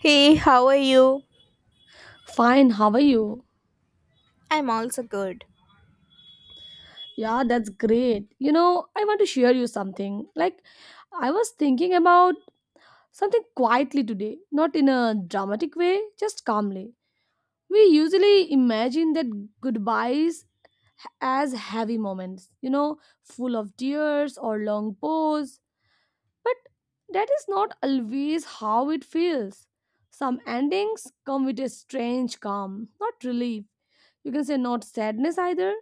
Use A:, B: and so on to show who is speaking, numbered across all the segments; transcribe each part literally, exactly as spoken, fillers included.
A: Hey, how are you?
B: Fine, how are you?
A: I'm also good.
B: Yeah, that's great. You know, I want to share you something. Like, I was thinking about something quietly today, not in a dramatic way, just calmly. We usually imagine that goodbyes as heavy moments, you know, full of tears or long pause, but that is not always how it feels. Some endings come with a strange calm, not relief. You can say not sadness either,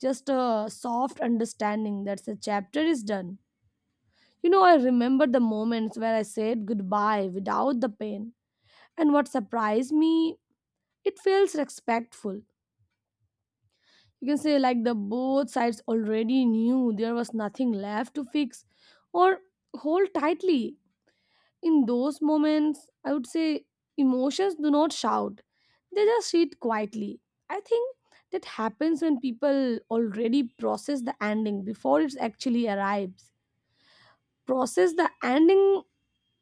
B: just a soft understanding that the chapter is done. You know, I remember the moments where I said goodbye without the pain. And what surprised me, it feels respectful. You can say like the both sides already knew there was nothing left to fix or hold tightly. In those moments, I would say emotions do not shout. They just sit quietly. I think that happens when people already process the ending before it actually arrives, process the ending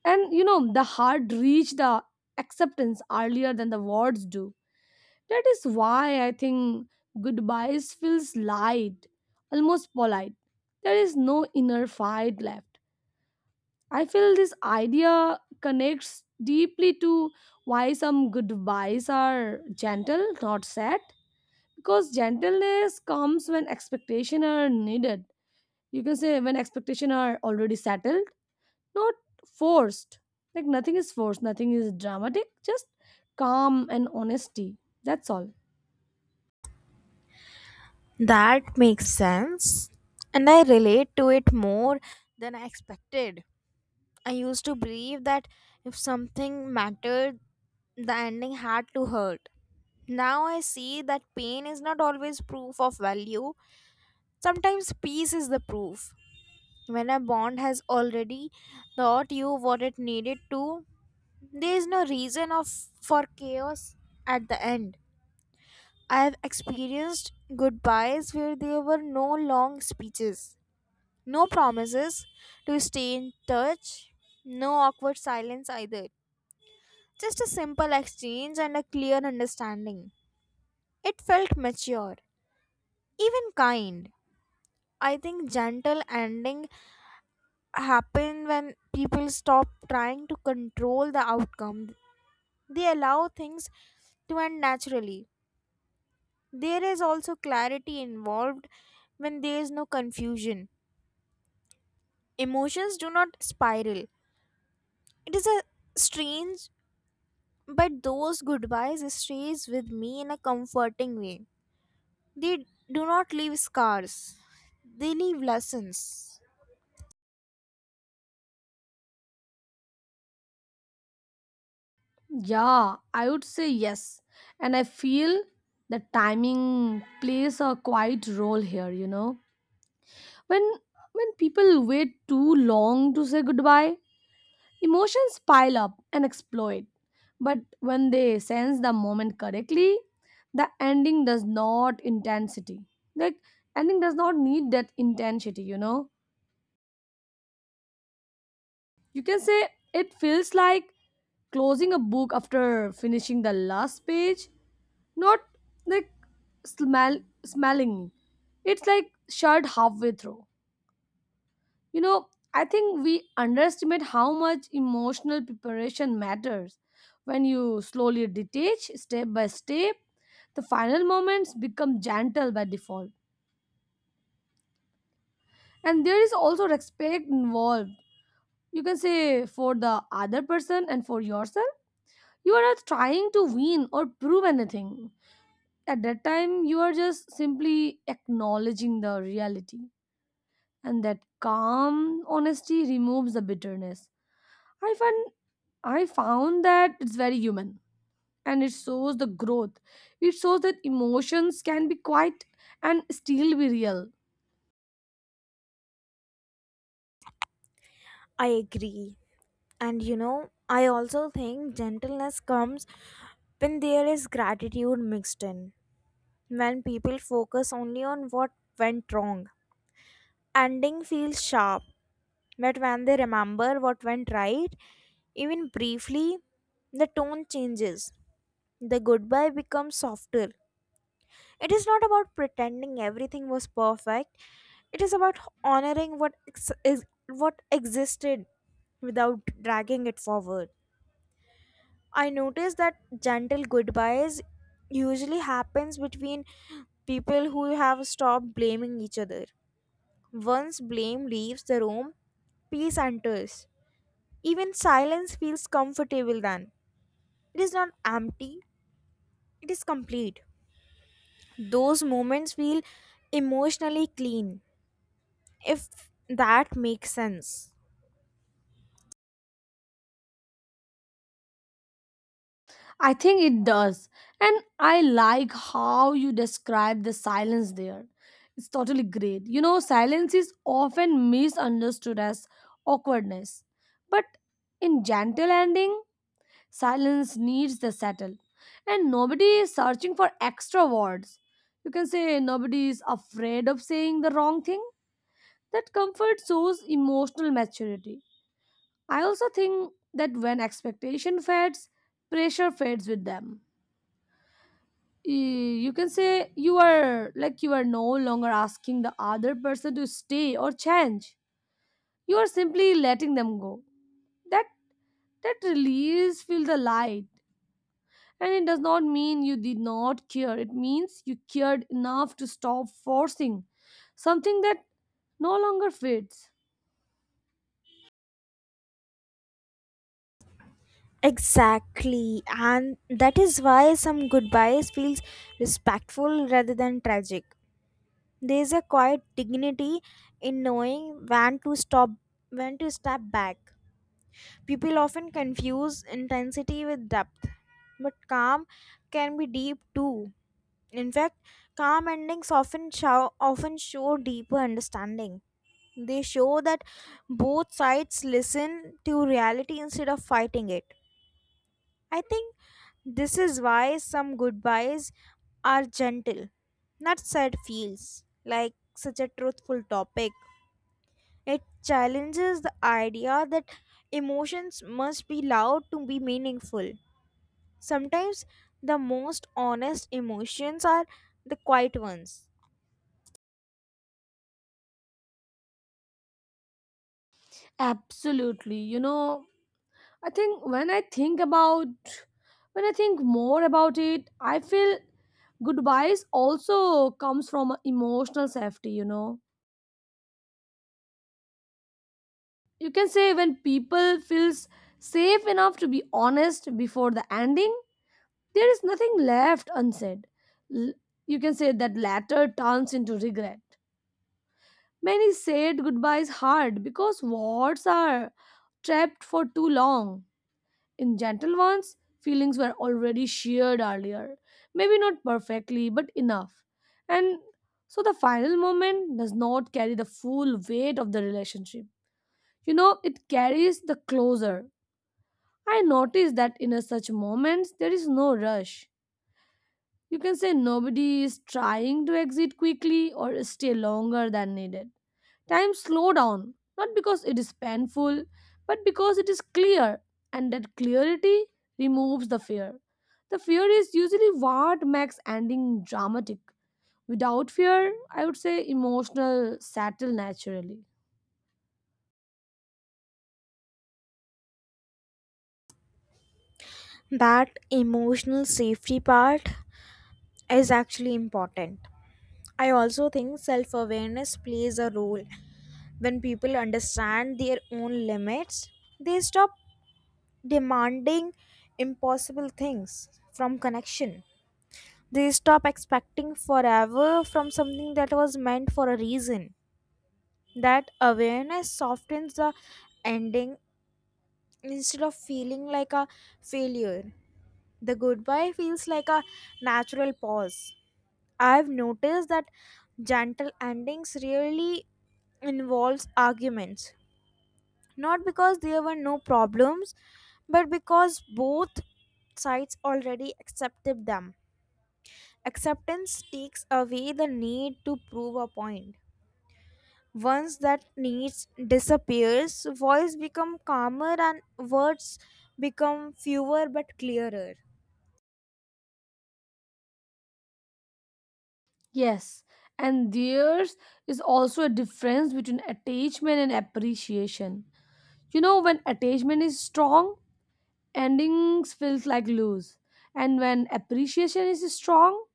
B: and you know the heart reach the acceptance earlier than the words do. That is why I think goodbyes feels light, almost polite. There is no inner fight left. I feel this idea connects deeply to why some goodbyes are gentle, not sad, because gentleness comes when expectation are needed. You can say when expectation are already settled, not forced, like nothing is forced, nothing is dramatic, just calm and honesty. That's all.
A: That makes sense, and I relate to it more than I expected. I used to believe that if something mattered, the ending had to hurt. Now I see that pain is not always proof of value. Sometimes peace is the proof. When a bond has already taught you what it needed to, there is no reason of for chaos at the end. I've experienced goodbyes where there were no long speeches, no promises to stay in touch, no awkward silence either. Just a simple exchange and a clear understanding. It felt mature, even kind. I think gentle ending happen when people stop trying to control the outcome. They allow things to end naturally. There is also clarity involved when there is no confusion. Emotions do not spiral. It is a strange, but those goodbyes stays with me in a comforting way. They do not leave scars. They leave lessons.
B: Yeah, I would say yes. And I feel the timing plays a quite role here, you know. When when people wait too long to say goodbye, emotions pile up and explode. But when they sense the moment correctly, the ending does not intensity. Like, ending does not need that intensity, you know. You can say it feels like closing a book after finishing the last page, not like smell, smelling. It's like shut halfway through. You know, I think we underestimate how much emotional preparation matters. When you slowly detach step by step, the final moments become gentle by default. And there is also respect involved. You can say for the other person and for yourself. You are not trying to win or prove anything. At that time, you are just simply acknowledging the reality. And that calm honesty removes the bitterness. I find I found that it's very human and it shows the growth. It shows that emotions can be quiet and still be real.
A: I agree. And you know, I also think gentleness comes when there is gratitude mixed in. When people focus only on what went wrong, ending feels sharp. But when they remember what went right, even briefly, the tone changes. The goodbye becomes softer. It is not about pretending everything was perfect. It is about honoring what ex- is what existed without dragging it forward. I noticed that gentle goodbyes usually happens between people who have stopped blaming each other. Once blame leaves the room, peace enters. Even silence feels comfortable then. It is not empty, it is complete. Those moments feel emotionally clean, if that makes sense.
B: I think it does. And I like how you describe the silence there. It's totally great. You know, silence is often misunderstood as awkwardness. But in gentle ending, silence needs the settle. And nobody is searching for extra words. You can say nobody is afraid of saying the wrong thing. That comfort shows emotional maturity. I also think that when expectation fades, pressure fades with them. Y- you can say you are like you are no longer asking the other person to stay or change, you are simply letting them go. That that release feel the light, and it does not mean you did not care, it means you cared enough to stop forcing something that no longer fits.
A: Exactly, and that is why some goodbyes feels respectful rather than tragic. There is a quiet dignity in knowing when to stop, when to step back. People often confuse intensity with depth, but calm can be deep too. In fact, calm endings often show, often show deeper understanding. They show that both sides listen to reality instead of fighting it. I think this is why some goodbyes are gentle, not sad feels, like such a truthful topic. It challenges the idea that emotions must be loud to be meaningful. Sometimes the most honest emotions are the quiet ones.
B: Absolutely, you know. I think when I think about When I think more about it, I feel goodbyes also comes from emotional safety, you know. You can say when people feels safe enough to be honest before the ending, there is nothing left unsaid. L- you can say that latter turns into regret. Many said goodbyes hard because words are trapped for too long. In gentle ones, feelings were already shared earlier, maybe not perfectly, but enough. And so the final moment does not carry the full weight of the relationship. You know, it carries the closer. I noticed that in a such moments, there is no rush. You can say nobody is trying to exit quickly or stay longer than needed. Time slow down, not because it is painful, but because it is clear, and that clarity removes the fear. The fear is usually what makes ending dramatic. Without fear, I would say emotional settle naturally.
A: That emotional safety part is actually important. I also think self awareness plays a role. When people understand their own limits, they stop demanding impossible things from connection. They stop expecting forever from something that was meant for a reason. That awareness softens the ending instead of feeling like a failure. The goodbye feels like a natural pause. I've noticed that gentle endings really involves arguments, not because there were no problems, but because both sides already accepted them. Acceptance takes away the need to prove a point. Once that need disappears, voice become calmer and words become fewer but clearer.
B: Yes, and there's is also a difference between attachment and appreciation. You know, when attachment is strong, endings feels like lose, and when appreciation is strong,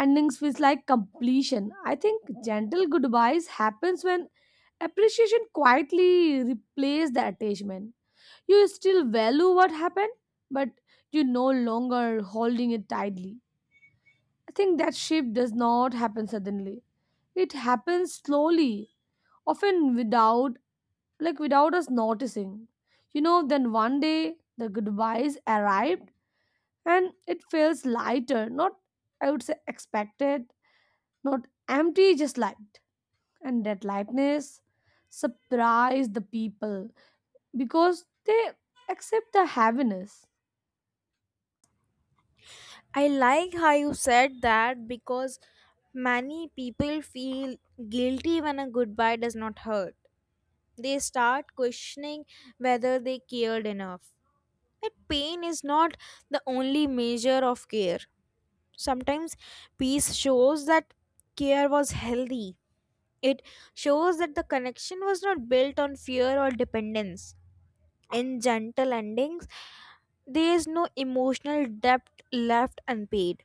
B: endings feels like completion. I think gentle goodbyes happens when appreciation quietly replaces the attachment. You still value what happened, but you no longer holding it tightly. I think that shift does not happen suddenly. It happens slowly, often without, like, without us noticing. You know, then one day the goodbyes arrived and it feels lighter, not, I would say, expected, not empty, just light. And that lightness surprised the people because they accept the heaviness.
A: I like how you said that because many people feel guilty when a goodbye does not hurt. They start questioning whether they cared enough. But pain is not the only measure of care. Sometimes peace shows that care was healthy. It shows that the connection was not built on fear or dependence. In gentle endings, there is no emotional debt left unpaid.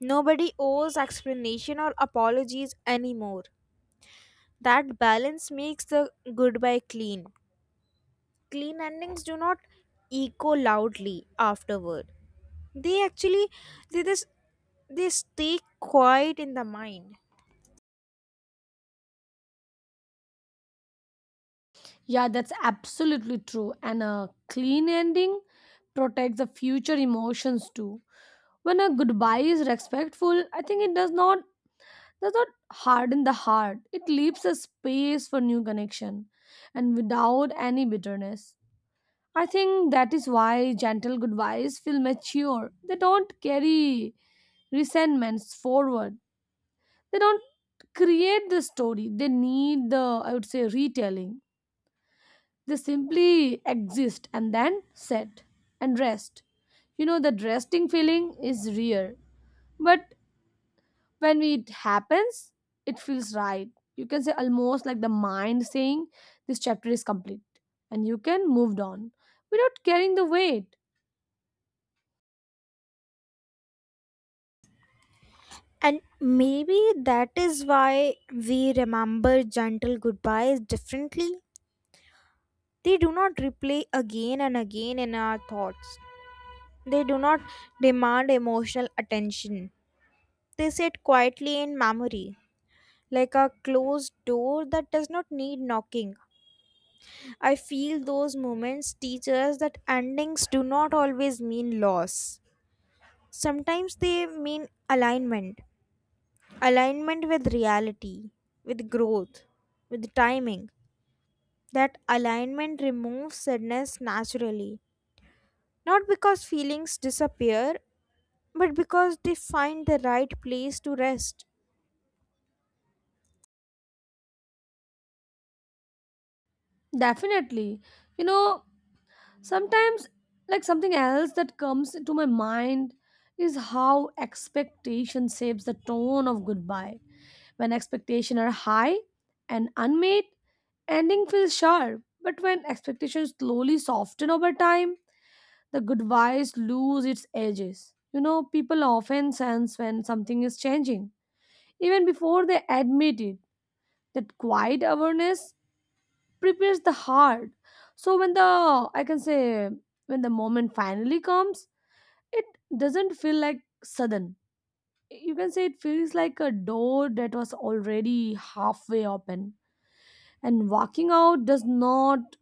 A: Nobody owes explanation or apologies anymore. That balance makes the goodbye clean. Clean endings do not echo loudly afterward. They actually they just they stay quiet in the mind.
B: Yeah, that's absolutely true. And a clean ending protects the future emotions too. When a goodbye is respectful, I think it does not does not harden the heart. It leaves a space for new connection and without any bitterness. I think that is why gentle goodbyes feel mature. They don't carry resentments forward. They don't create the story, they need the, I would say, retelling. They simply exist and then sit and rest. You know, the resting feeling is rare, but when it happens, it feels right. You can say almost like the mind saying, "This chapter is complete, and you can move on without carrying the weight."
A: And maybe that is why we remember gentle goodbyes differently. They do not replay again and again in our thoughts. They do not demand emotional attention. They sit quietly in memory, like a closed door that does not need knocking. I feel those moments teach us that endings do not always mean loss. Sometimes they mean alignment, alignment with reality, with growth, with timing. That alignment removes sadness naturally, not because feelings disappear, but because they find the right place to rest.
B: Definitely. You know, sometimes, like, something else that comes to my mind is how expectation shapes the tone of goodbye. When expectations are high and unmet, ending feels sharp. But when expectations slowly soften over time, the goodbyes lose its edges. You know, people often sense when something is changing, even before they admit it. That quiet awareness prepares the heart, so when the I can say when the moment finally comes, it doesn't feel like sudden. You can say it feels like a door that was already halfway open, and walking out does not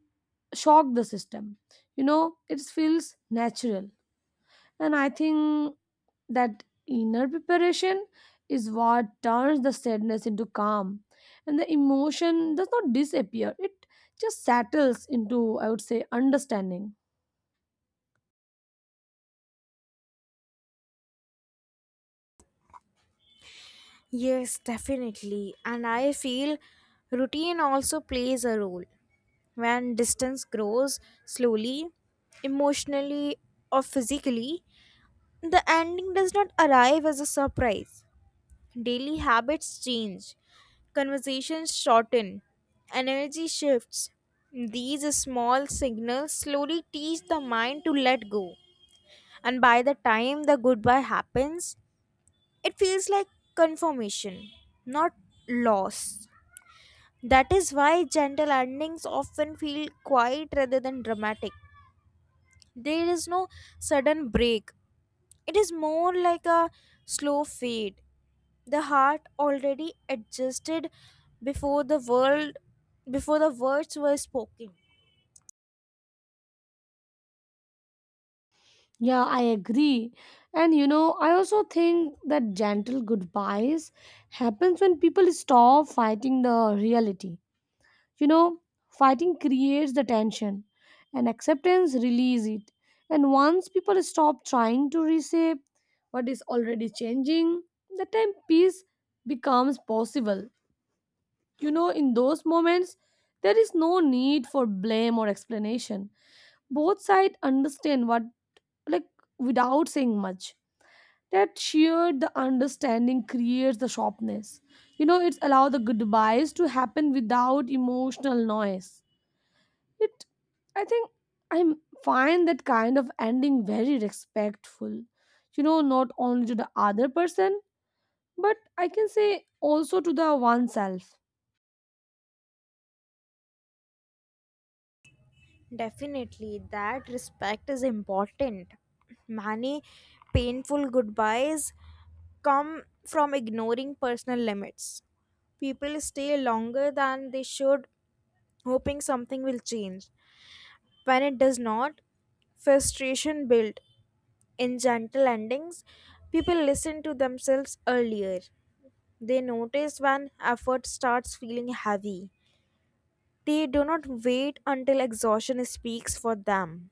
B: shock the system. You know, it feels natural. And I think that inner preparation is what turns the sadness into calm. And the emotion does not disappear, it just settles into, I would say, understanding.
A: Yes, definitely. And I feel routine also plays a role. When distance grows slowly, emotionally, or physically, the ending does not arrive as a surprise. Daily habits change, conversations shorten, energy shifts. These small signals slowly teach the mind to let go. And by the time the goodbye happens, it feels like confirmation, not loss. That is why gentle endings often feel quiet rather than dramatic. There is no sudden break. It is more like a slow fade. The heart already adjusted before the world before the words were spoken.
B: Yeah, I agree. And you know, I also think that gentle goodbyes happens when people stop fighting the reality. You know, fighting creates the tension, and acceptance release it. And once people stop trying to reshape what is already changing, the time peace becomes possible. You know, in those moments, there is no need for blame or explanation. Both sides understand what, like, without saying much. That shared the understanding creates the sharpness. You know, it's allow the goodbyes to happen without emotional noise. it, I think, I find that kind of ending very respectful. You know, not only to the other person, but I can say also to the oneself.
A: Definitely that respect is important. Many painful goodbyes come from ignoring personal limits. People stay longer than they should, hoping something will change. When it does not, frustration builds. In gentle endings, people listen to themselves earlier. They notice when effort starts feeling heavy. They do not wait until exhaustion speaks for them.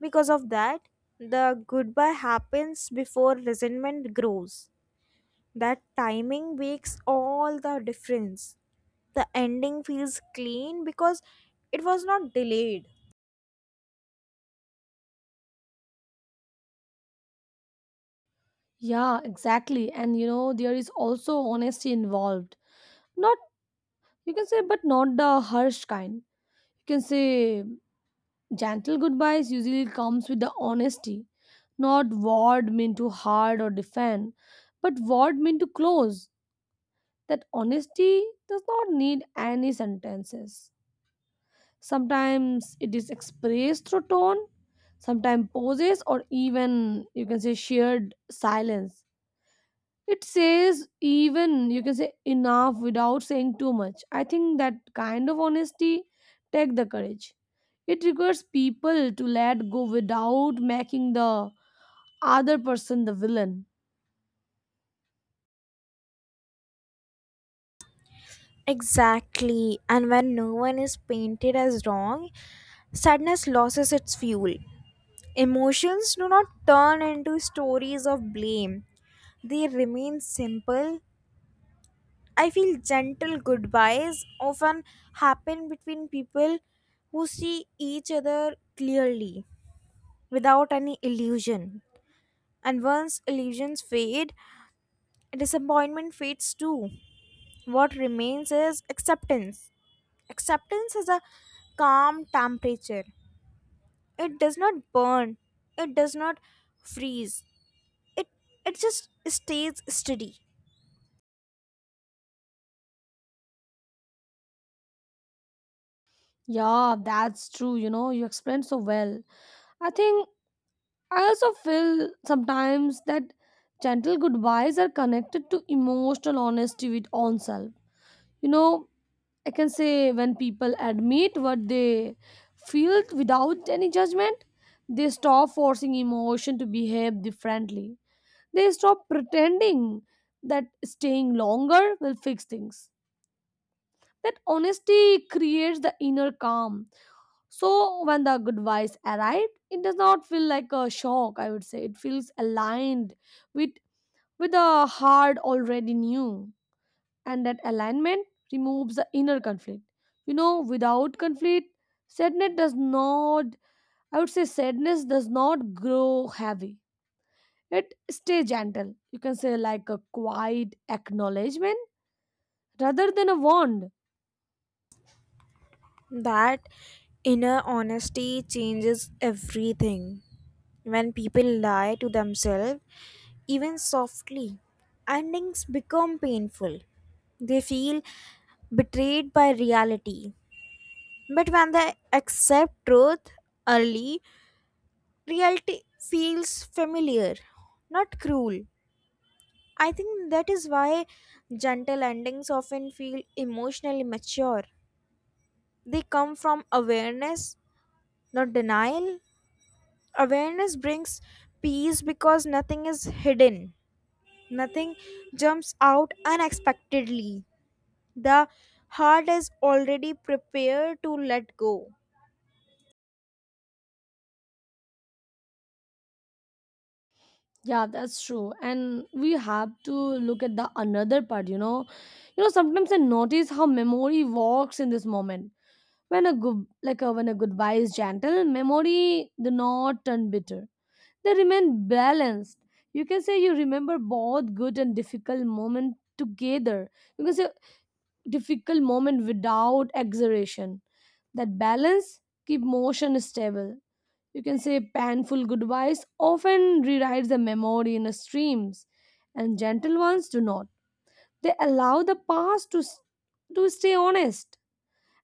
A: Because of that, the goodbye happens before resentment grows. That timing makes all the difference. The ending feels clean because it was not delayed.
B: Yeah, exactly. And you know, there is also honesty involved. Not, you can say, but not the harsh kind. You can say gentle goodbyes usually comes with the honesty, not word meant to hard or defend, but word meant to close. That honesty does not need any sentences. Sometimes it is expressed through tone, sometimes pauses, or even you can say shared silence. It says even you can say enough without saying too much. I think that kind of honesty take the courage. It requires people to let go without making the other person the villain.
A: Exactly, and when no one is painted as wrong, sadness loses its fuel. Emotions do not turn into stories of blame. They remain simple. I feel gentle goodbyes often happen between people who see each other clearly without any illusion. And once illusions fade, disappointment fades too. What remains is acceptance. Acceptance is a calm temperature. It does not burn, it does not freeze, it it just stays steady.
B: Yeah, that's true. You know, you explained so well. I think I also feel sometimes that gentle goodbyes are connected to emotional honesty with oneself. You know, I can say when people admit what they feel without any judgment, they stop forcing emotion to behave differently. They stop pretending that staying longer will fix things. That honesty creates the inner calm, so when the good vibes arrived, it does not feel like a shock, I would say. It feels aligned with with the heart already knew. And that alignment removes the inner conflict. You know, without conflict, sadness does not, I would say sadness does not grow heavy. It stay gentle. You can say like a quiet acknowledgement rather than a wound.
A: That inner honesty changes everything. When people lie to themselves, even softly, endings become painful. They feel betrayed by reality. But when they accept truth early, reality feels familiar, not cruel. I think that is why gentle endings often feel emotionally mature. They come from awareness, not denial. Awareness brings peace because nothing is hidden, nothing jumps out unexpectedly. The heart is already prepared to let go.
B: Yeah, that's true. And we have to look at the another part, you know. You know, sometimes I notice how memory walks in this moment. When a good like a, when a goodbye is gentle, memory do not turn bitter. They remain balanced. You can say you remember both good and difficult moment together. You can say difficult moment without exaggeration. That balance keep motion stable. You can say painful goodbyes often rewrite the memory in streams, and gentle ones do not. They allow the past to, s- to stay honest,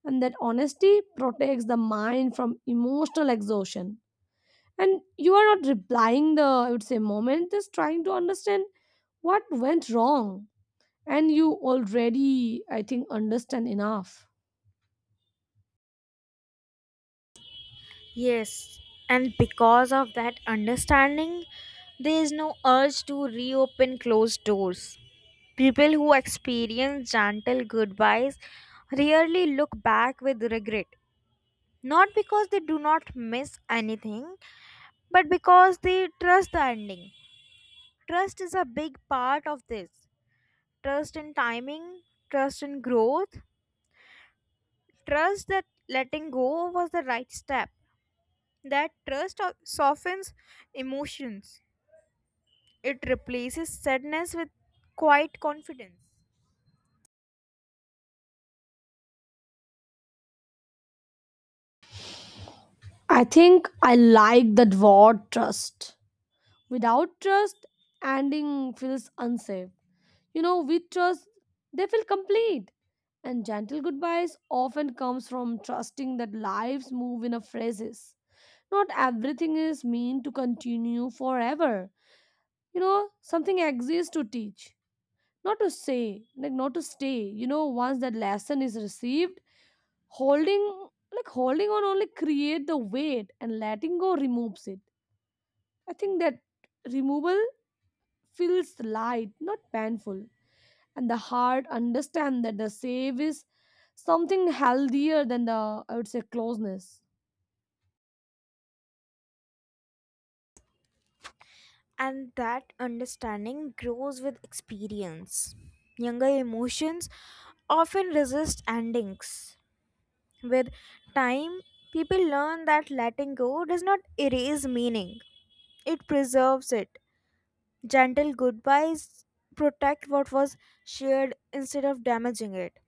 B: and that honesty protects the mind from emotional exhaustion. And you are not replying the, I would say, moment, just trying to understand what went wrong, and you already, I think, understand enough.
A: Yes, and because of that understanding, there is no urge to reopen closed doors. People who experience gentle goodbyes rarely look back with regret. Not because they do not miss anything, but because they trust the ending. Trust is a big part of this. Trust in timing, trust in growth, trust that letting go was the right step. That trust o- softens emotions, it replaces sadness with quiet confidence.
B: I think I like that word trust. Without trust, ending feels unsafe. You know, with trust, they feel complete. And gentle goodbyes often comes from trusting that lives move in a phrases. Not everything is meant to continue forever. You know, something exists to teach, not to say, like, not to stay. You know, once that lesson is received, holding, like, holding on only create the weight, and letting go removes it. I think that removal feels light, not painful. And the heart understand that the save is something healthier than the, I would say, closeness.
A: And that understanding grows with experience. Younger emotions often resist endings. With time, people learn that letting go does not erase meaning, it preserves it. Gentle goodbyes protect what was shared instead of damaging it.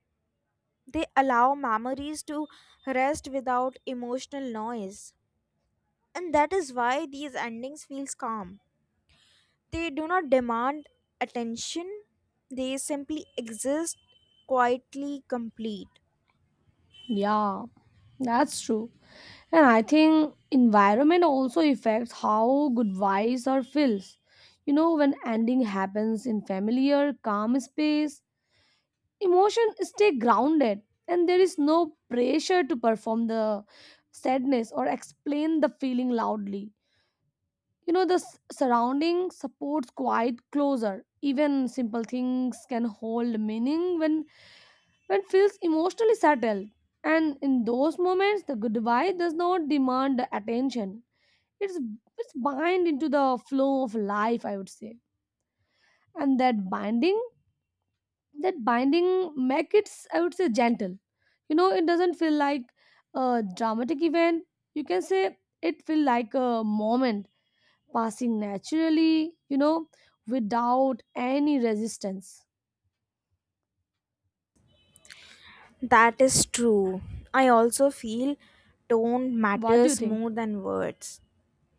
A: They allow memories to rest without emotional noise. And that is why these endings feel calm. They do not demand attention, they simply exist quietly complete.
B: Yeah, that's true. And I think environment also affects how good wise or feels. You know, when ending happens in familiar, calm space, emotion stay grounded, and there is no pressure to perform the sadness or explain the feeling loudly. You know, the s- surrounding supports quite closer. Even simple things can hold meaning when when feels emotionally settled. And in those moments, the goodbye does not demand the attention. It's it's bind into the flow of life, I would say. And that binding that binding make it, I would say, gentle. You know, it doesn't feel like a dramatic event. You can say it feel like a moment passing naturally, you know, without any resistance.
A: That is true. I also feel tone
B: What do you
A: matters
B: think?
A: more than words.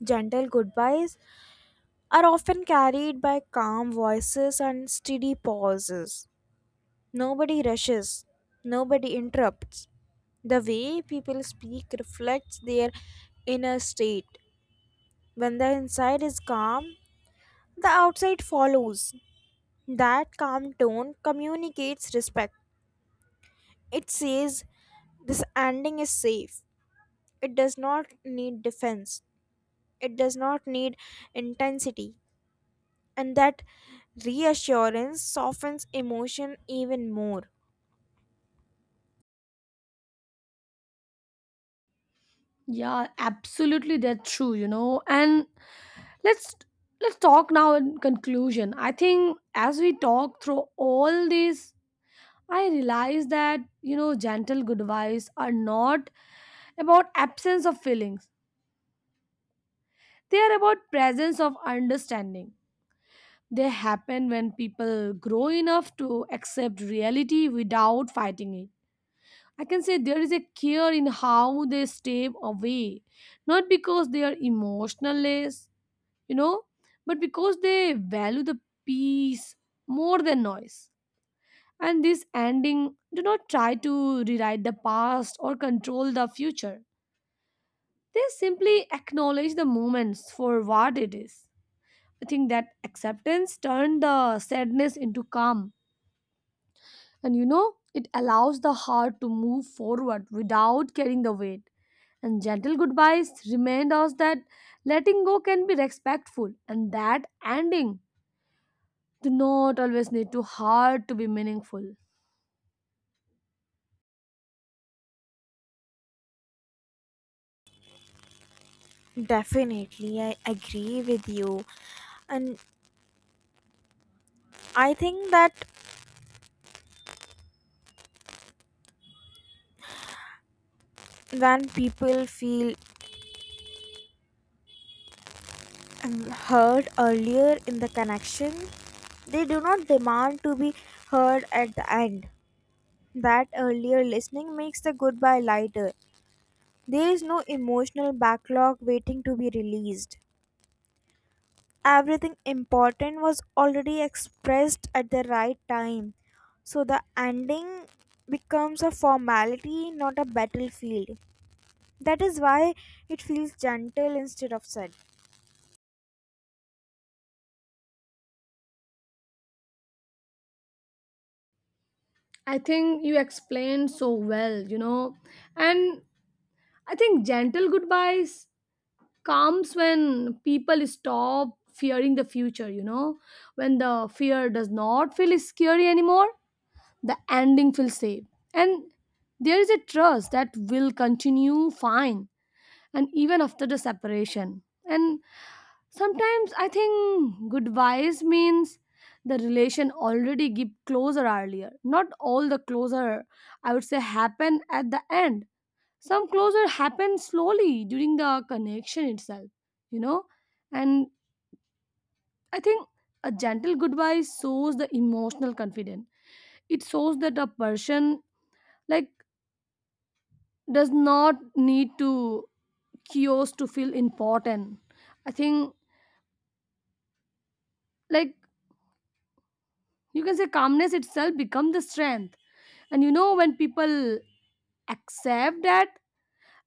A: Gentle goodbyes are often carried by calm voices and steady pauses. Nobody rushes, nobody interrupts. The way people speak reflects their inner state. When the inside is calm, the outside follows. That calm tone communicates respect. It says, "This ending is safe. It does not need defense, it does not need intensity," and that reassurance softens emotion even more.
B: Yeah, absolutely that's true, you know. And let's let's talk now in conclusion. I think as we talk through all this, I realize that, you know, gentle goodbyes are not about absence of feelings. They are about presence of understanding. They happen when people grow enough to accept reality without fighting it. I can say there is a care in how they stay away, not because they are emotionless, you know, but because they value the peace more than noise. And this ending do not try to rewrite the past or control the future. They simply acknowledge the moments for what it is. I think that acceptance turned the sadness into calm, and you know, it allows the heart to move forward without carrying the weight. And gentle goodbyes remind us that letting go can be respectful and that ending do not always need to hard to be meaningful.
A: Definitely, I agree with you. And I think that when people feel um, heard earlier in the connection, they do not demand to be heard at the end. That earlier listening makes the goodbye lighter. There is no emotional backlog waiting to be released. Everything important was already expressed at the right time. So the ending becomes a formality, not a battlefield. That is why it feels gentle instead of sad.
B: I think you explained so well, you know. And I think gentle goodbyes comes when people stop fearing the future, you know. When the fear does not feel scary anymore, the ending feels safe. And there is a trust that will continue fine and even after the separation. And sometimes I think goodbyes means the relation already get closer earlier. Not all the closer, I would say, happen at the end. Some closer happen slowly during the connection itself, you know? And I think a gentle goodbye shows the emotional confidence. It shows that a person, like, does not need to cures to feel important. I think, like, you can say calmness itself become the strength. And you know, when people accept that,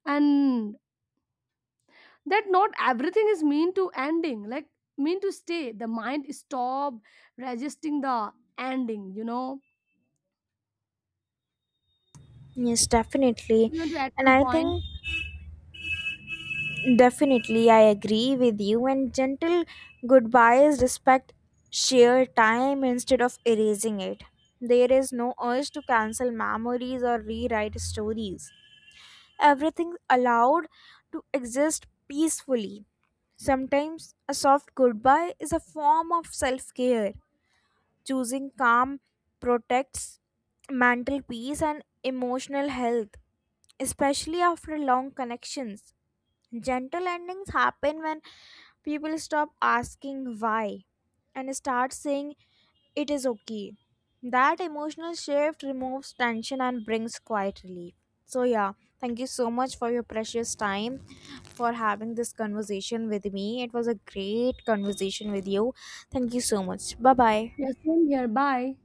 B: and that not everything is mean to ending, like mean to stay, the mind stop resisting the ending, you know,
A: Yes, definitely.
B: even to at
A: And
B: some
A: I
B: point.
A: think definitely I agree with you. And gentle goodbyes respect sheer time instead of erasing it. There is no urge to cancel memories or rewrite stories. Everything allowed to exist peacefully. Sometimes a soft goodbye is a form of self care. Choosing calm protects mental peace and emotional health, especially after long connections. Gentle endings happen when people stop asking why and start saying it is okay. That emotional shift removes tension and brings quiet relief. So, yeah, thank you so much for your precious time for having this conversation with me. It was a great conversation with you. Thank you so much. Bye bye.
B: Yeah, same here. Bye.